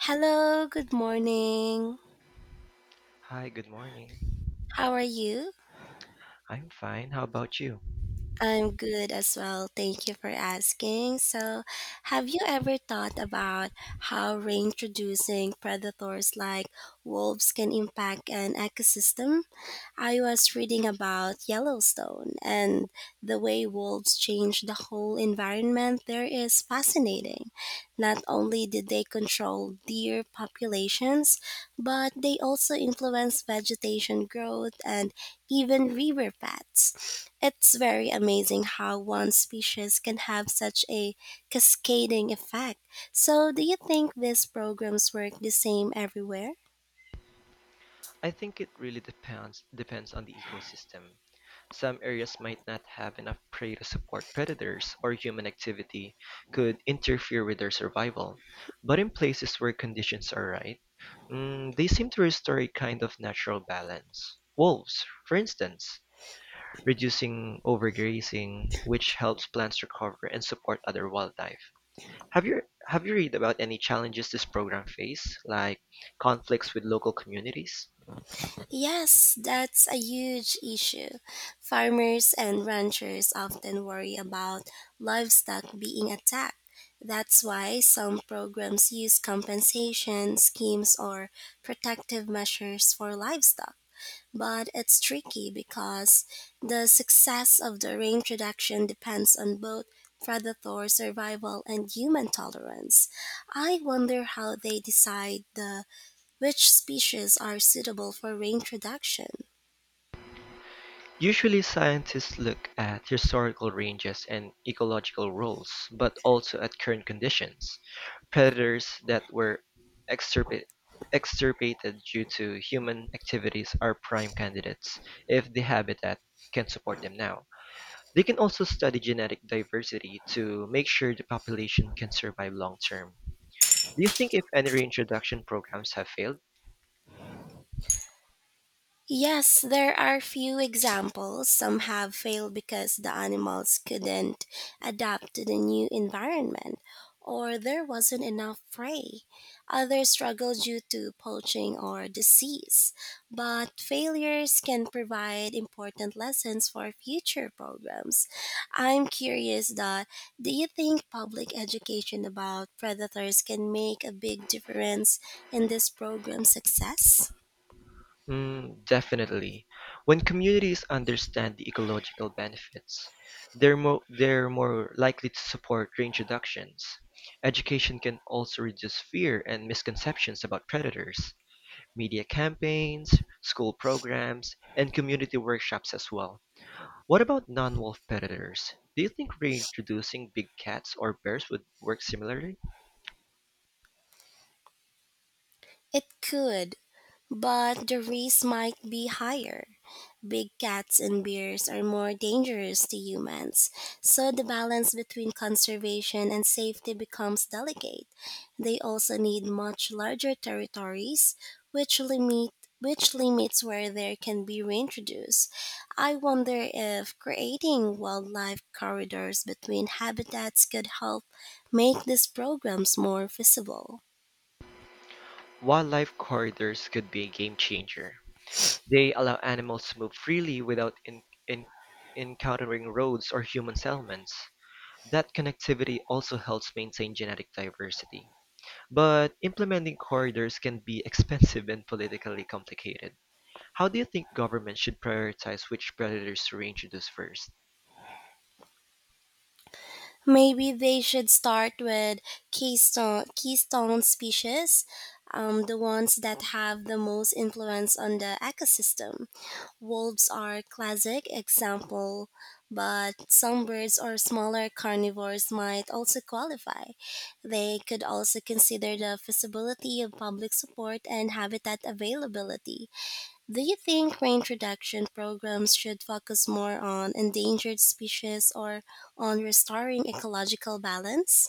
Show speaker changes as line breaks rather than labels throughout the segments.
Hello, good morning.
Hi, good morning.
How are you?
I'm fine. How about you?
I'm good as well. Thank you for asking. So, have you ever thought about how reintroducing predators like wolves can impact an ecosystem? I was reading about Yellowstone, and the way wolves changed the whole environment there is fascinating. Not only did they control deer populations, but they also influenced vegetation growth and even river paths. It's very amazing how one species can have such a cascading effect. So, do you think these programs work the same everywhere?
I think it really depends on the ecosystem. Some areas might not have enough prey to support predators, or human activity could interfere with their survival. But in places where conditions are right, they seem to restore a kind of natural balance. Wolves, for instance, reducing overgrazing, which helps plants recover and support other wildlife. Have you have you read about any challenges this program face, like conflicts with local communities?
Yes, that's a huge issue. Farmers and ranchers often worry about livestock being attacked. That's why some programs use compensation schemes or protective measures for livestock. But it's tricky because the success of the range reduction depends on both predator survival and human tolerance. I wonder how they decide the which species are suitable for reintroduction.
Usually scientists look at historical ranges and ecological roles, but also at current conditions, predators that were extirpa- extirpated due to human activities are prime candidates if the habitat can support them now. They can also study genetic diversity to make sure the population can survive long term. Do you think if any reintroduction programs have failed?
Yes, there are few examples. Some have failed because the animals couldn't adapt to the new environment, or there wasn't enough prey. Others struggle due to poaching or disease. But failures can provide important lessons for future programs. I'm curious that do you think public education about predators can make a big difference in this program's success?
Mm, definitely. When communities understand the ecological benefits, they're more likely to support reintroductions. Education can also reduce fear and misconceptions about predators. Media campaigns, school programs, and community workshops as well. What about non-wolf predators? Do you think reintroducing big cats or bears would work similarly?
It could. But the risk might be higher. Big cats and bears are more dangerous to humans, so the balance between conservation and safety becomes delicate. They also need much larger territories, which limit which limits where they can be reintroduced. I wonder if creating wildlife corridors between habitats could help make these programs more visible.
Wildlife corridors could be a game changer. They allow animals to move freely without in, encountering roads or human settlements. That connectivity also helps maintain genetic diversity. But implementing corridors can be expensive and politically complicated. How do you think governments should prioritize which predators to reintroduce first?
Maybe they should start with keystone species, the ones that have the most influence on the ecosystem. Wolves are a classic example, but some birds or smaller carnivores might also qualify. They could also consider the feasibility of public support and habitat availability. Do you think reintroduction programs should focus more on endangered species or on restoring ecological balance?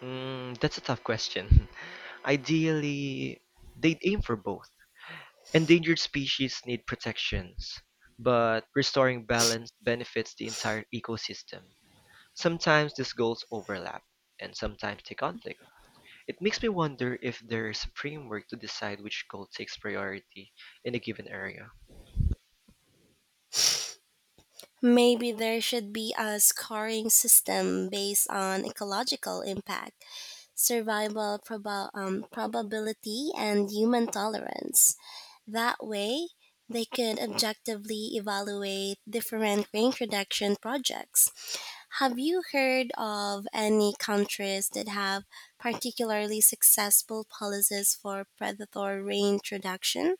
Mm, that's a tough question. Ideally, they'd aim for both. Endangered species need protections, but restoring balance benefits the entire ecosystem. Sometimes these goals overlap, and sometimes they conflict. It makes me wonder if there's a framework to decide which goal takes priority in a given area.
Maybe there should be a scoring system based on ecological impact, probability, and human tolerance. That way, they could objectively evaluate different reintroduction projects. Have you heard of any countries that have particularly successful policies for predator reintroduction?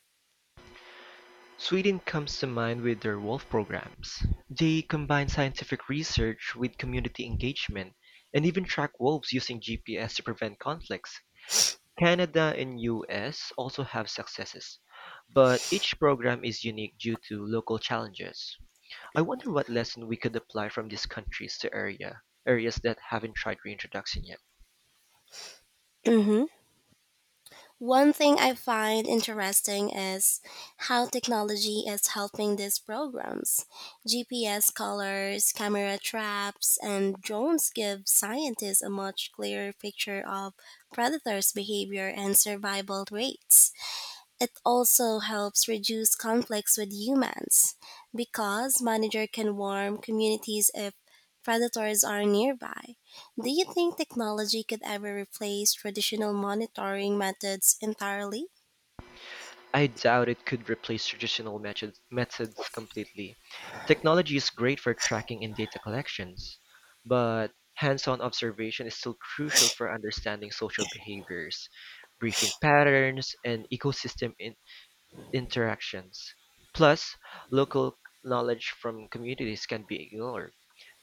Sweden comes to mind with their wolf programs. They combine scientific research with community engagement and even track wolves using GPS to prevent conflicts. Canada and US also have successes, but each program is unique due to local challenges. I wonder what lesson we could apply from these countries to areas that haven't tried reintroduction yet.
Hmm. One thing I find interesting is how technology is helping these programs. GPS collars, camera traps, and drones give scientists a much clearer picture of predators' behavior and survival rates. It also helps reduce conflicts with humans because manager can warn communities if predators are nearby. Do you think technology could ever replace traditional monitoring methods entirely?
I doubt it could replace traditional methods completely. Technology is great for tracking and data collections, but hands-on observation is still crucial for understanding social behaviors, briefing patterns, and ecosystem in interactions; plus, local knowledge from communities can be ignored.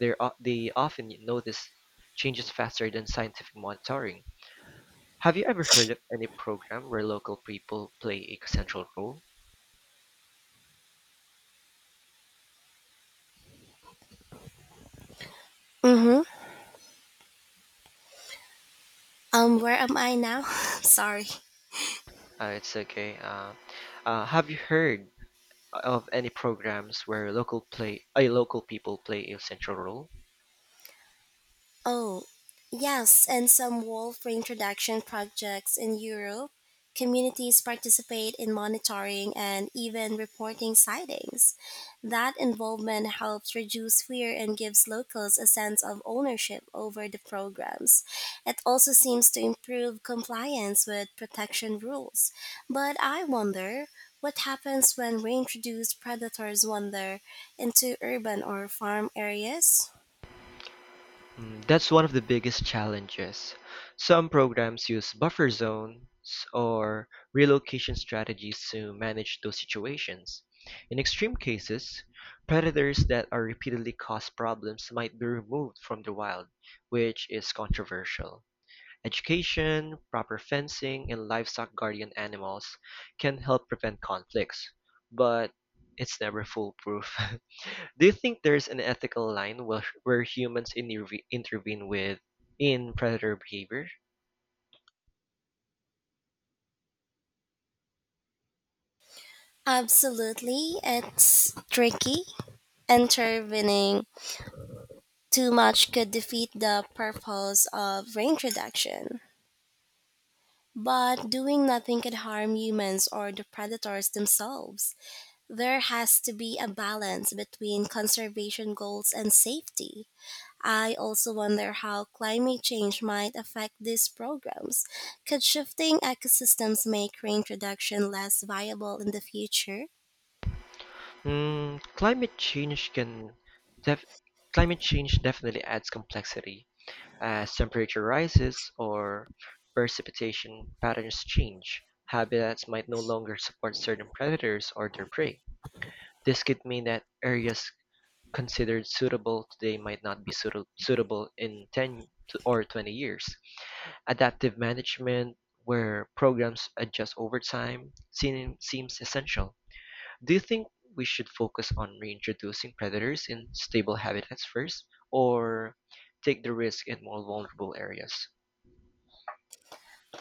They often notice changes faster than scientific monitoring. Have you ever heard of any program where local people play a central role?
Mm-hmm. Where am I now? Sorry.
It's okay. Have you heard of any programs where local people play a central role?
Oh, yes, and some wolf reintroduction projects in Europe. Communities participate in monitoring and even reporting sightings. That involvement helps reduce fear and gives locals a sense of ownership over the programs. It also seems to improve compliance with protection rules. But I wonder what happens when reintroduced predators wander into urban or farm areas?
Mm, that's one of the biggest challenges. Some programs use buffer zones or relocation strategies to manage those situations. In extreme cases, predators that are repeatedly cause problems might be removed from the wild, which is controversial. Education, proper fencing, and livestock guardian animals can help prevent conflicts, but it's never foolproof. Do you think there's an ethical line where humans intervene with in predator behavior?
Absolutely, it's tricky. Intervening too much could defeat the purpose of reintroduction. But doing nothing could harm humans or the predators themselves. There has to be a balance between conservation goals and safety. I also wonder how climate change might affect these programs. Could shifting ecosystems make reintroduction less viable in the future?
Mm, def- climate change definitely adds complexity as temperature rises or precipitation patterns change. Habitats might no longer support certain predators or their prey. This could mean that areas considered suitable today might not be suitable in 10 or 20 years. Adaptive management, where programs adjust over time, seems essential. Do you think we should focus on reintroducing predators in stable habitats first, or take the risk in more vulnerable areas?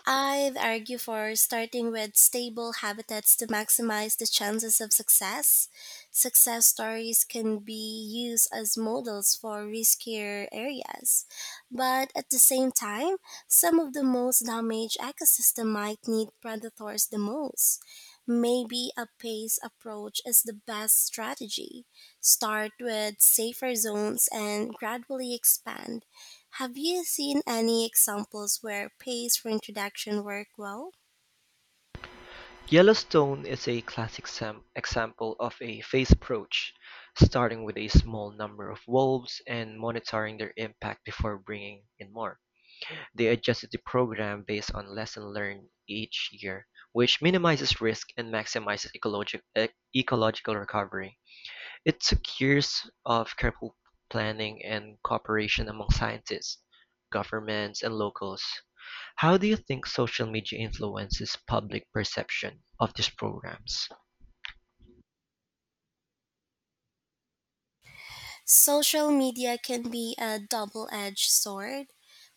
I'd argue for starting with stable habitats to maximize the chances of success. Success stories can be used as models for riskier areas, but at the same time, some of the most damaged ecosystem might need predators the most. Maybe a phased approach is the best strategy. Start with safer zones and gradually expand. Have you seen any examples where pays for introduction work well?
Yellowstone is a classic example of a phased approach, starting with a small number of wolves and monitoring their impact before bringing in more. They adjusted the program based on lessons learned each year, which minimizes risk and maximizes ecological recovery. It took years of careful planning and cooperation among scientists, governments, and locals. How do you think social media influences public perception of these programs?
Social media can be a double-edged sword.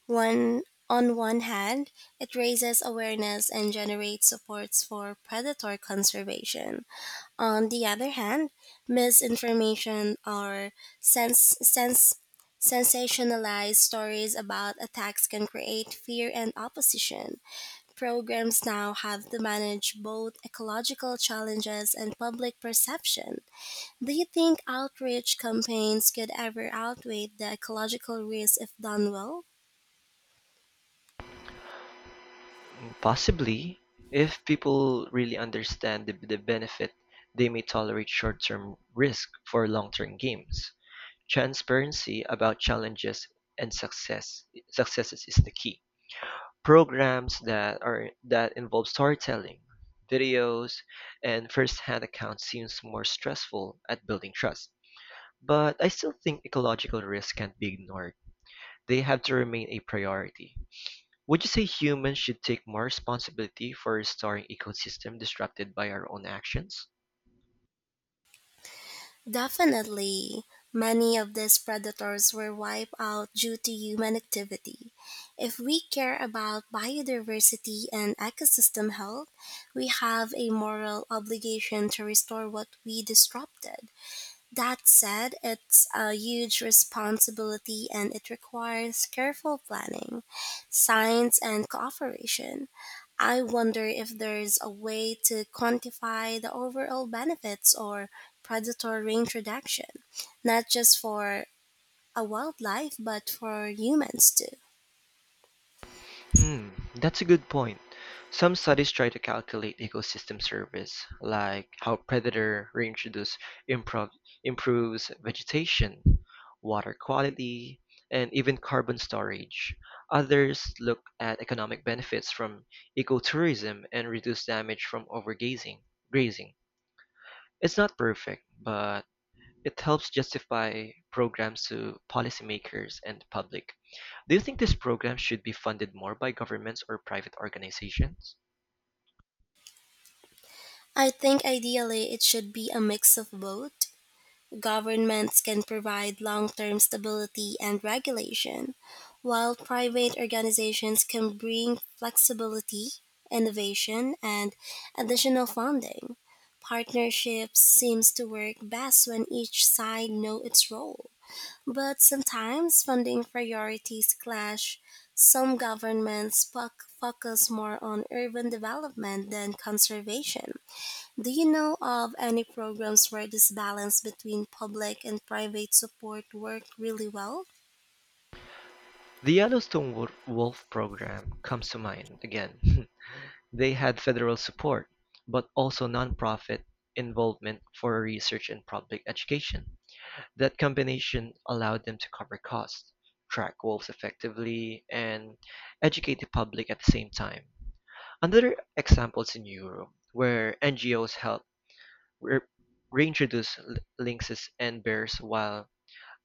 One On one hand, it raises awareness and generates supports for predator conservation. On the other hand, misinformation or sense, sense sensationalized stories about attacks can create fear and opposition. Programs now have to manage both ecological challenges and public perception. Do you think outreach campaigns could ever outweigh the ecological risks if done well?
Possibly, if people really understand the benefit, they may tolerate short-term risk for long-term gains. Transparency about challenges and successes is the key. Programs that involve storytelling, videos, and first-hand accounts seems more stressful at building trust. But I still think ecological risks can't be ignored. They have to remain a priority. Would you say humans should take more responsibility for restoring ecosystems disrupted by our own actions?
Definitely. Many of these predators were wiped out due to human activity. If we care about biodiversity and ecosystem health, we have a moral obligation to restore what we disrupted. That said, it's a huge responsibility and it requires careful planning, science, and cooperation. I wonder if there's a way to quantify the overall benefits or predator reintroduction, not just for a wildlife, but for humans too.
Hmm, that's a good point. Some studies try to calculate ecosystem service, like how predator reintroduce improv- improves vegetation, water quality, and even carbon storage. Others look at economic benefits from ecotourism and reduce damage from overgazing. Grazing. It's not perfect, but it helps justify programs to policymakers and the public. Do you think these programs should be funded more by governments or private organizations?
I think ideally it should be a mix of both. Governments can provide long term stability and regulation, while private organizations can bring flexibility, innovation, and additional funding. Partnerships seems to work best when each side knows its role. But sometimes funding priorities clash. Some governments foc- focus more on urban development than conservation. Do you know of any programs where this balance between public and private support work really well?
The Yellowstone Wolf program comes to mind again. They had federal support, but also nonprofit involvement for research and public education. That combination allowed them to cover costs, track wolves effectively, and educate the public at the same time. Another example is in Europe, where NGOs help re- reintroduce lynxes and bears while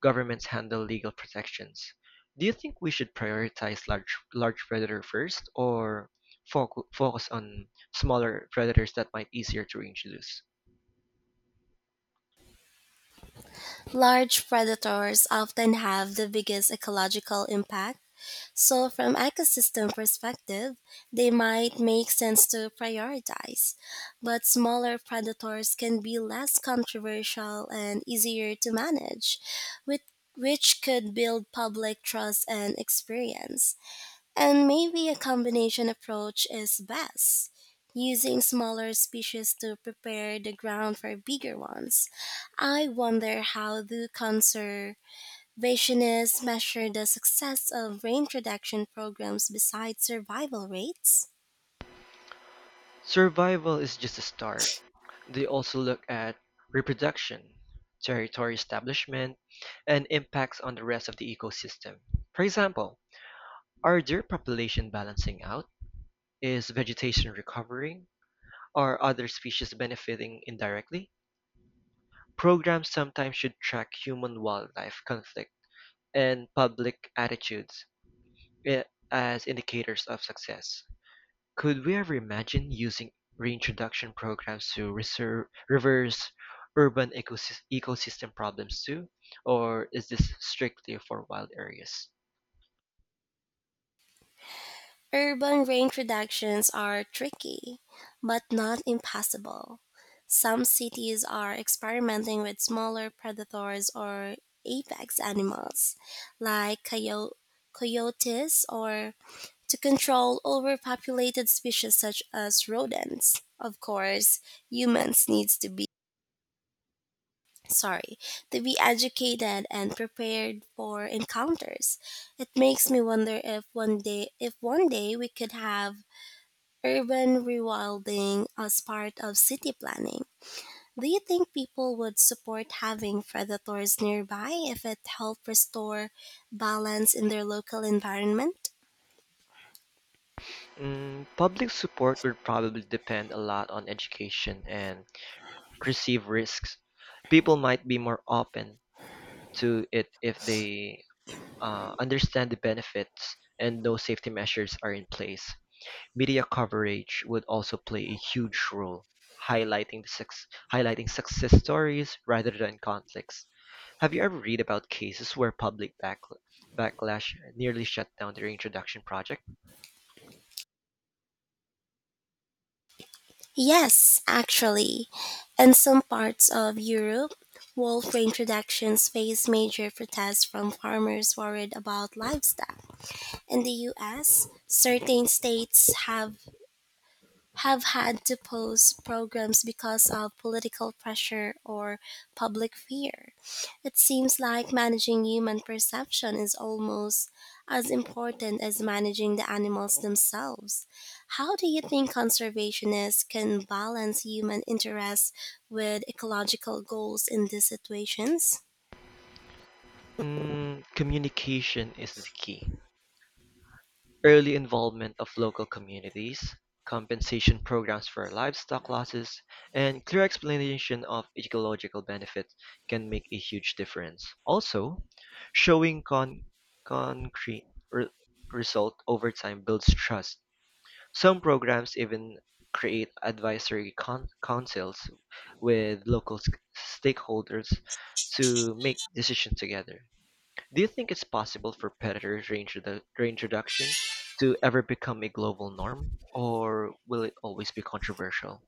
governments handle legal protections. Do you think we should prioritize large predator first, or focus on smaller predators that might be easier to reintroduce?
Large predators often have the biggest ecological impact, so from ecosystem perspective, they might make sense to prioritize. But smaller predators can be less controversial and easier to manage, with which could build public trust and experience. And maybe a combination approach is best, using smaller species to prepare the ground for bigger ones. I wonder how do conservationists measure the success of rain reduction programs besides survival rates?
Survival is just a start. They also look at reproduction, territory establishment, and impacts on the rest of the ecosystem. For example, are deer population balancing out? Is vegetation recovering? Are other species benefiting indirectly? Programs sometimes should track human wildlife conflict and public attitudes eh, as indicators of success. Could we ever imagine using reintroduction programs to reverse urban ecosystem problems too? Or is this strictly for wild areas?
Urban range reductions are tricky, but not impossible. Some cities are experimenting with smaller predators or apex animals, like coyotes, or to control overpopulated species such as rodents. Of course, humans needs to be, sorry, to be educated and prepared for encounters. It makes me wonder if one day we could have urban rewilding as part of city planning. Do you think people would support having predators nearby if it helped restore balance in their local environment?
Mm, public support would probably depend a lot on education and perceived risks. People might be more open to it if they understand the benefits and no safety measures are in place. Media coverage would also play a huge role, highlighting the sex, highlighting success stories rather than conflicts. Have you ever read about cases where public backlash nearly shut down their introduction project?
Yes, actually. In some parts of Europe, wolf reintroductions face major protests from farmers worried about livestock. In the US, certain states have had to pause programs because of political pressure or public fear. It seems like managing human perception is almost as important as managing the animals themselves. How do you think conservationists can balance human interests with ecological goals in these situations?
Mm, communication is the key. Early involvement of local communities, compensation programs for livestock losses, and clear explanation of ecological benefits can make a huge difference. Also, showing concrete re- result over time builds trust. Some programs even create advisory councils with local stakeholders to make decisions together. Do you think it's possible for predator range to ever become a global norm, or will it always be controversial?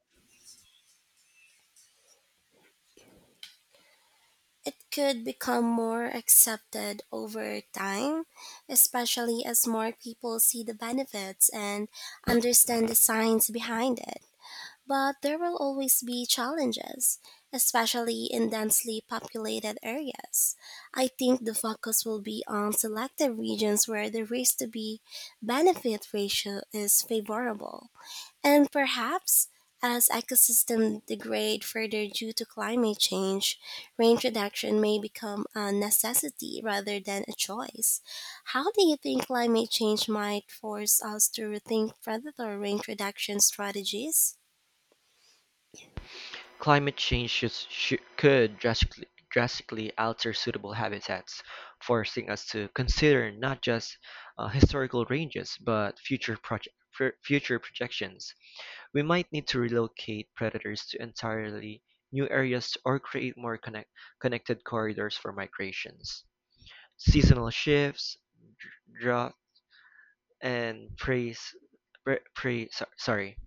It could become more accepted over time, especially as more people see the benefits and understand the science behind it. But there will always be challenges, especially in densely populated areas. I think the focus will be on selected regions where the risk to be benefit ratio is favorable. And perhaps, as ecosystems degrade further due to climate change, range reduction may become a necessity rather than a choice. How do you think climate change might force us to rethink predator range reduction strategies?
Climate change could drastically alter suitable habitats, forcing us to consider not just historical ranges but future projections. We might need to relocate predators to entirely new areas or create more connected corridors for migrations. Seasonal shifts, drought and praise pra- pray so- sorry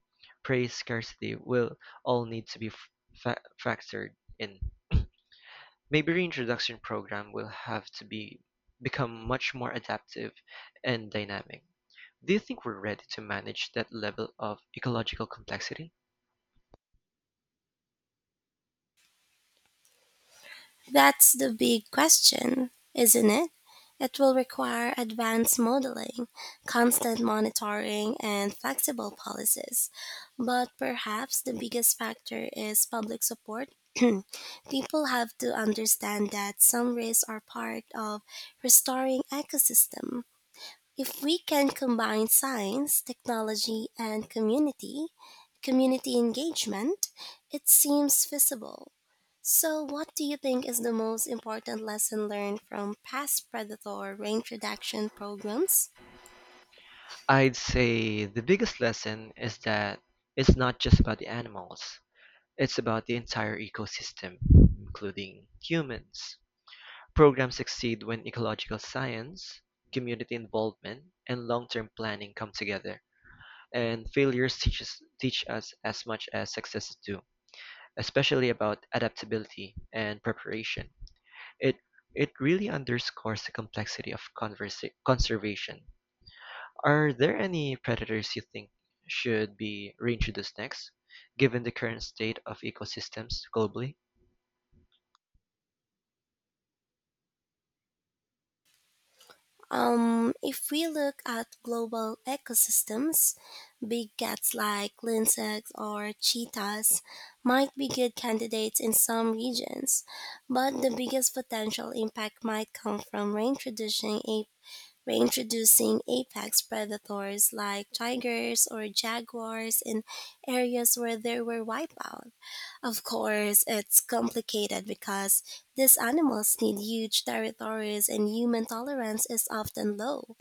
praise scarcity will all need to be factored in. Maybe reintroduction program will have to be become much more adaptive and dynamic. Do you think we're ready to manage that level of ecological complexity?
That's the big question, isn't it? It will require advanced modeling, constant monitoring, and flexible policies. But perhaps the biggest factor is public support. People have to understand that some risks are part of restoring ecosystem. If we can combine science, technology, and community engagement, it seems feasible. So, what do you think is the most important lesson learned from past predator range reduction programs?
I'd say the biggest lesson is that it's not just about the animals, it's about the entire ecosystem including humans. Programs succeed when ecological science, community involvement, and long-term planning come together. And failures teach us as much as successes do, especially about adaptability and preparation. It it really underscores the complexity of conservation. Are there any predators you think should be reintroduced next, given the current state of ecosystems globally?
If we look at global ecosystems, big cats like lynx or cheetahs might be good candidates in some regions, but the biggest potential impact might come from range reducing apex predators like tigers or jaguars in areas where there were wipeout. Of course, it's complicated because these animals need huge territories and human tolerance is often low.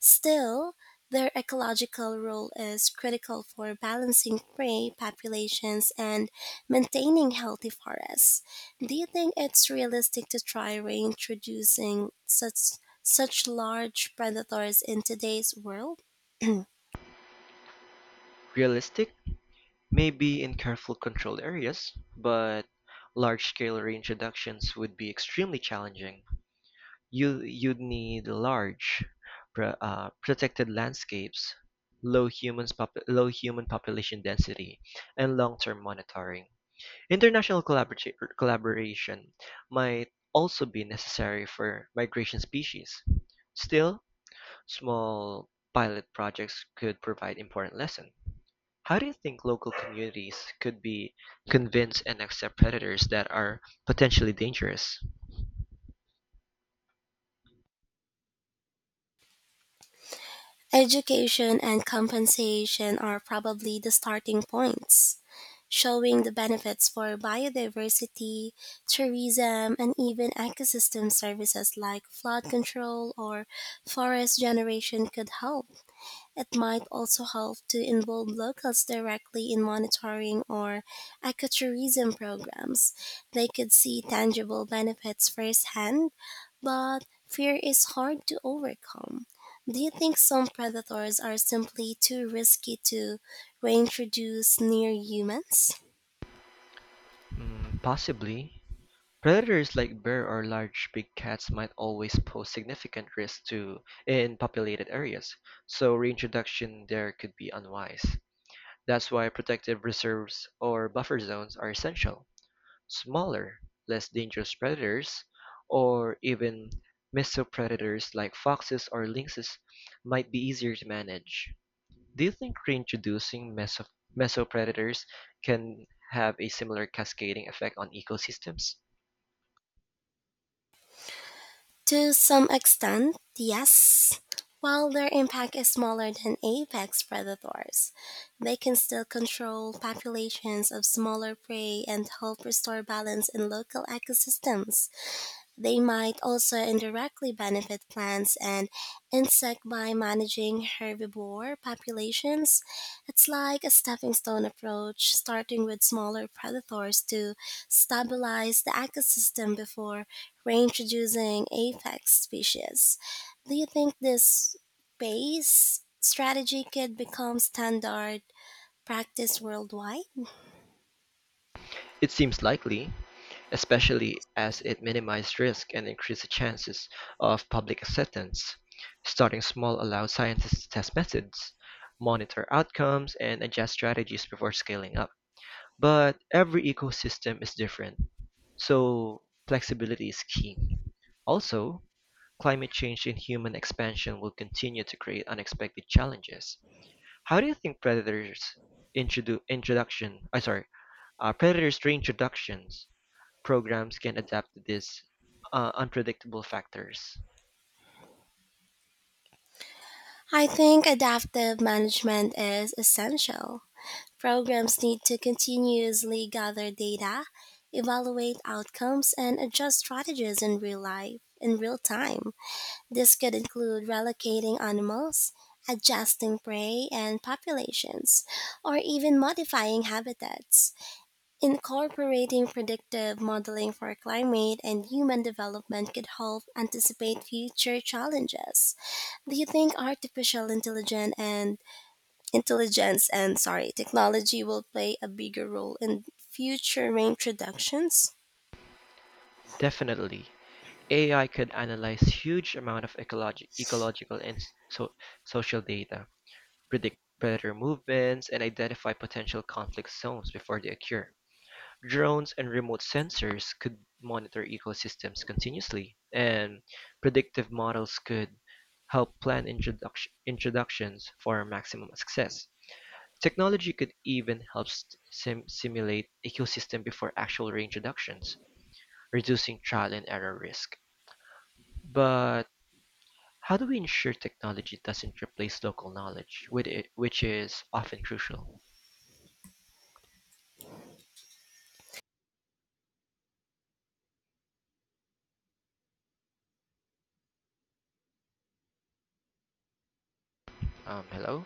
Still, their ecological role is critical for balancing prey populations and maintaining healthy forests. Do you think it's realistic to try reintroducing such large predators in today's world?
Realistic may be in careful controlled areas, but large-scale reintroductions would be extremely challenging. You'd need large, protected landscapes, low human population density, and long-term monitoring. International collaboration might also be necessary for migration species. Still, small pilot projects could provide important lessons. How do you think local communities could be convinced and accept predators that are potentially dangerous?
Education and compensation are probably the starting points, showing the benefits for biodiversity, tourism, and even ecosystem services like flood control or forest generation could help. It might also help to involve locals directly in monitoring or ecotourism programs. They could see tangible benefits firsthand, but fear is hard to overcome. Do you think some predators are simply too risky to reintroduce near humans?
Mm, possibly. Predators like bear or large big cats might always pose significant risk to in populated areas, so reintroduction there could be unwise. That's why protective reserves or buffer zones are essential. Smaller, less dangerous predators, or even mesopredators like foxes or lynxes might be easier to manage. Do you think reintroducing mesopredators can have a similar cascading effect on ecosystems?
To some extent, yes. While their impact is smaller than apex predators, they can still control populations of smaller prey and help restore balance in local ecosystems. They might also indirectly benefit plants and insects by managing herbivore populations. It's like a stepping stone approach, starting with smaller predators to stabilize the ecosystem before reintroducing apex species. Do you think this base strategy could become standard practice worldwide?
It seems likely, especially as it minimizes risk and increases the chances of public acceptance. Starting small allows scientists to test methods, monitor outcomes, and adjust strategies before scaling up. But every ecosystem is different, so flexibility is key. Also, climate change and human expansion will continue to create unexpected challenges. How do you think predators introdu- introduction, I sorry, predators reintroductions programs can adapt to these unpredictable factors?
I think adaptive management is essential. Programs need to continuously gather data, evaluate outcomes, and adjust strategies in real time. This could include relocating animals, adjusting prey and populations, or even modifying habitats. Incorporating predictive modeling for climate and human development could help anticipate future challenges. Do you think artificial intelligence and sorry, technology will play a bigger role in future reintroductions?
Definitely, AI could analyze huge amount of ecological and so- social data, predict predator movements, and identify potential conflict zones before they occur. Drones and remote sensors could monitor ecosystems continuously, and predictive models could help plan introductions for maximum success. Technology could even help simulate ecosystem before actual reintroductions, reducing trial and error risk. But how do we ensure technology doesn't replace local knowledge, which is often crucial? Hello?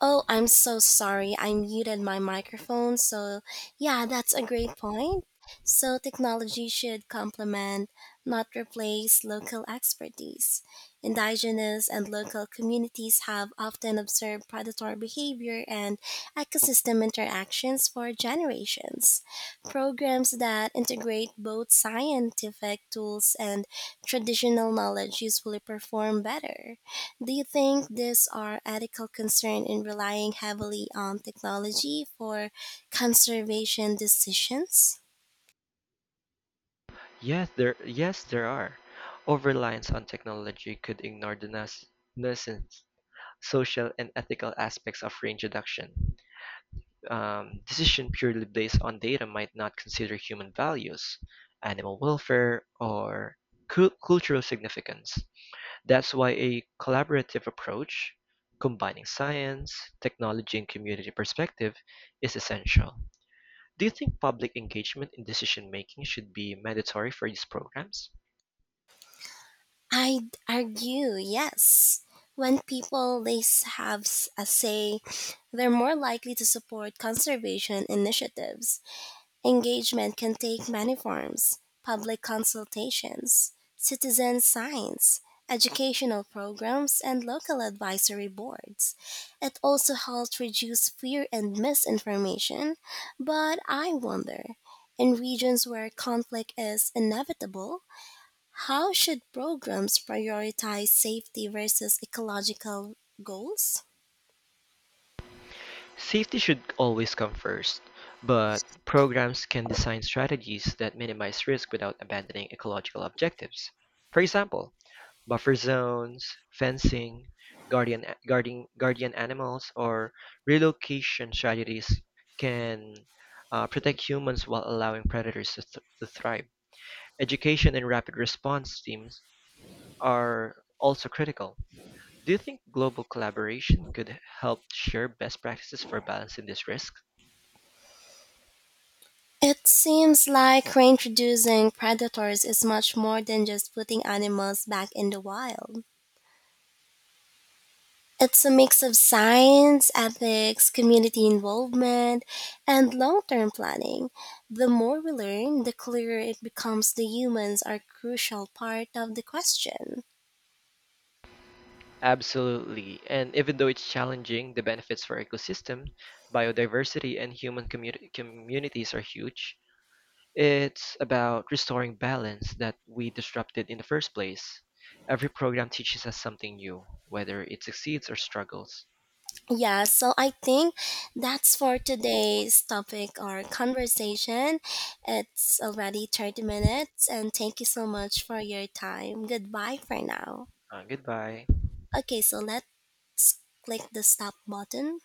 Oh, I'm so sorry. I muted my microphone. So, yeah, that's a great point. So, technology should complement, not replace, local expertise. Indigenous and local communities have often observed predatory behavior and ecosystem interactions for generations. Programs that integrate both scientific tools and traditional knowledge usually perform better. Do you think these are ethical concern in relying heavily on technology for conservation decisions?
Yes there are. Overreliance on technology could ignore the nuisance, social and ethical aspects of range reduction. Decision purely based on data might not consider human values, animal welfare, or cultural significance. That's why a collaborative approach, combining science, technology, and community perspective, is essential. Do you think public engagement in decision making should be mandatory for these programs?
I'd argue yes. When people they s- have s- a say, they're more likely to support conservation initiatives. Engagement can take many forms: public consultations, citizen science, educational programs, and local advisory boards. It also helps reduce fear and misinformation, but I wonder, in regions where conflict is inevitable, how should programs prioritize safety versus ecological goals?
Safety should always come first, but programs can design strategies that minimize risk without abandoning ecological objectives. For example, buffer zones, fencing, guardian animals, or relocation strategies can protect humans while allowing predators to thrive. Education and rapid response teams are also critical. Do you think global collaboration could help share best practices for balancing these risks?
It seems like reintroducing predators is much more than just putting animals back in the wild. It's a mix of science, ethics, community involvement, and long term planning. The more we learn, the clearer it becomes the humans are crucial part of the question.
Absolutely. And even though it's challenging, the benefits for ecosystem, biodiversity, and human communities are huge. It's about restoring balance that we disrupted in the first place. Every program teaches us something new, whether it succeeds or struggles.
Yeah, so I think that's for today's topic or conversation. It's already 30 minutes, and thank you so much for your time. Goodbye for now.
Goodbye.
Okay, so let's click the stop button.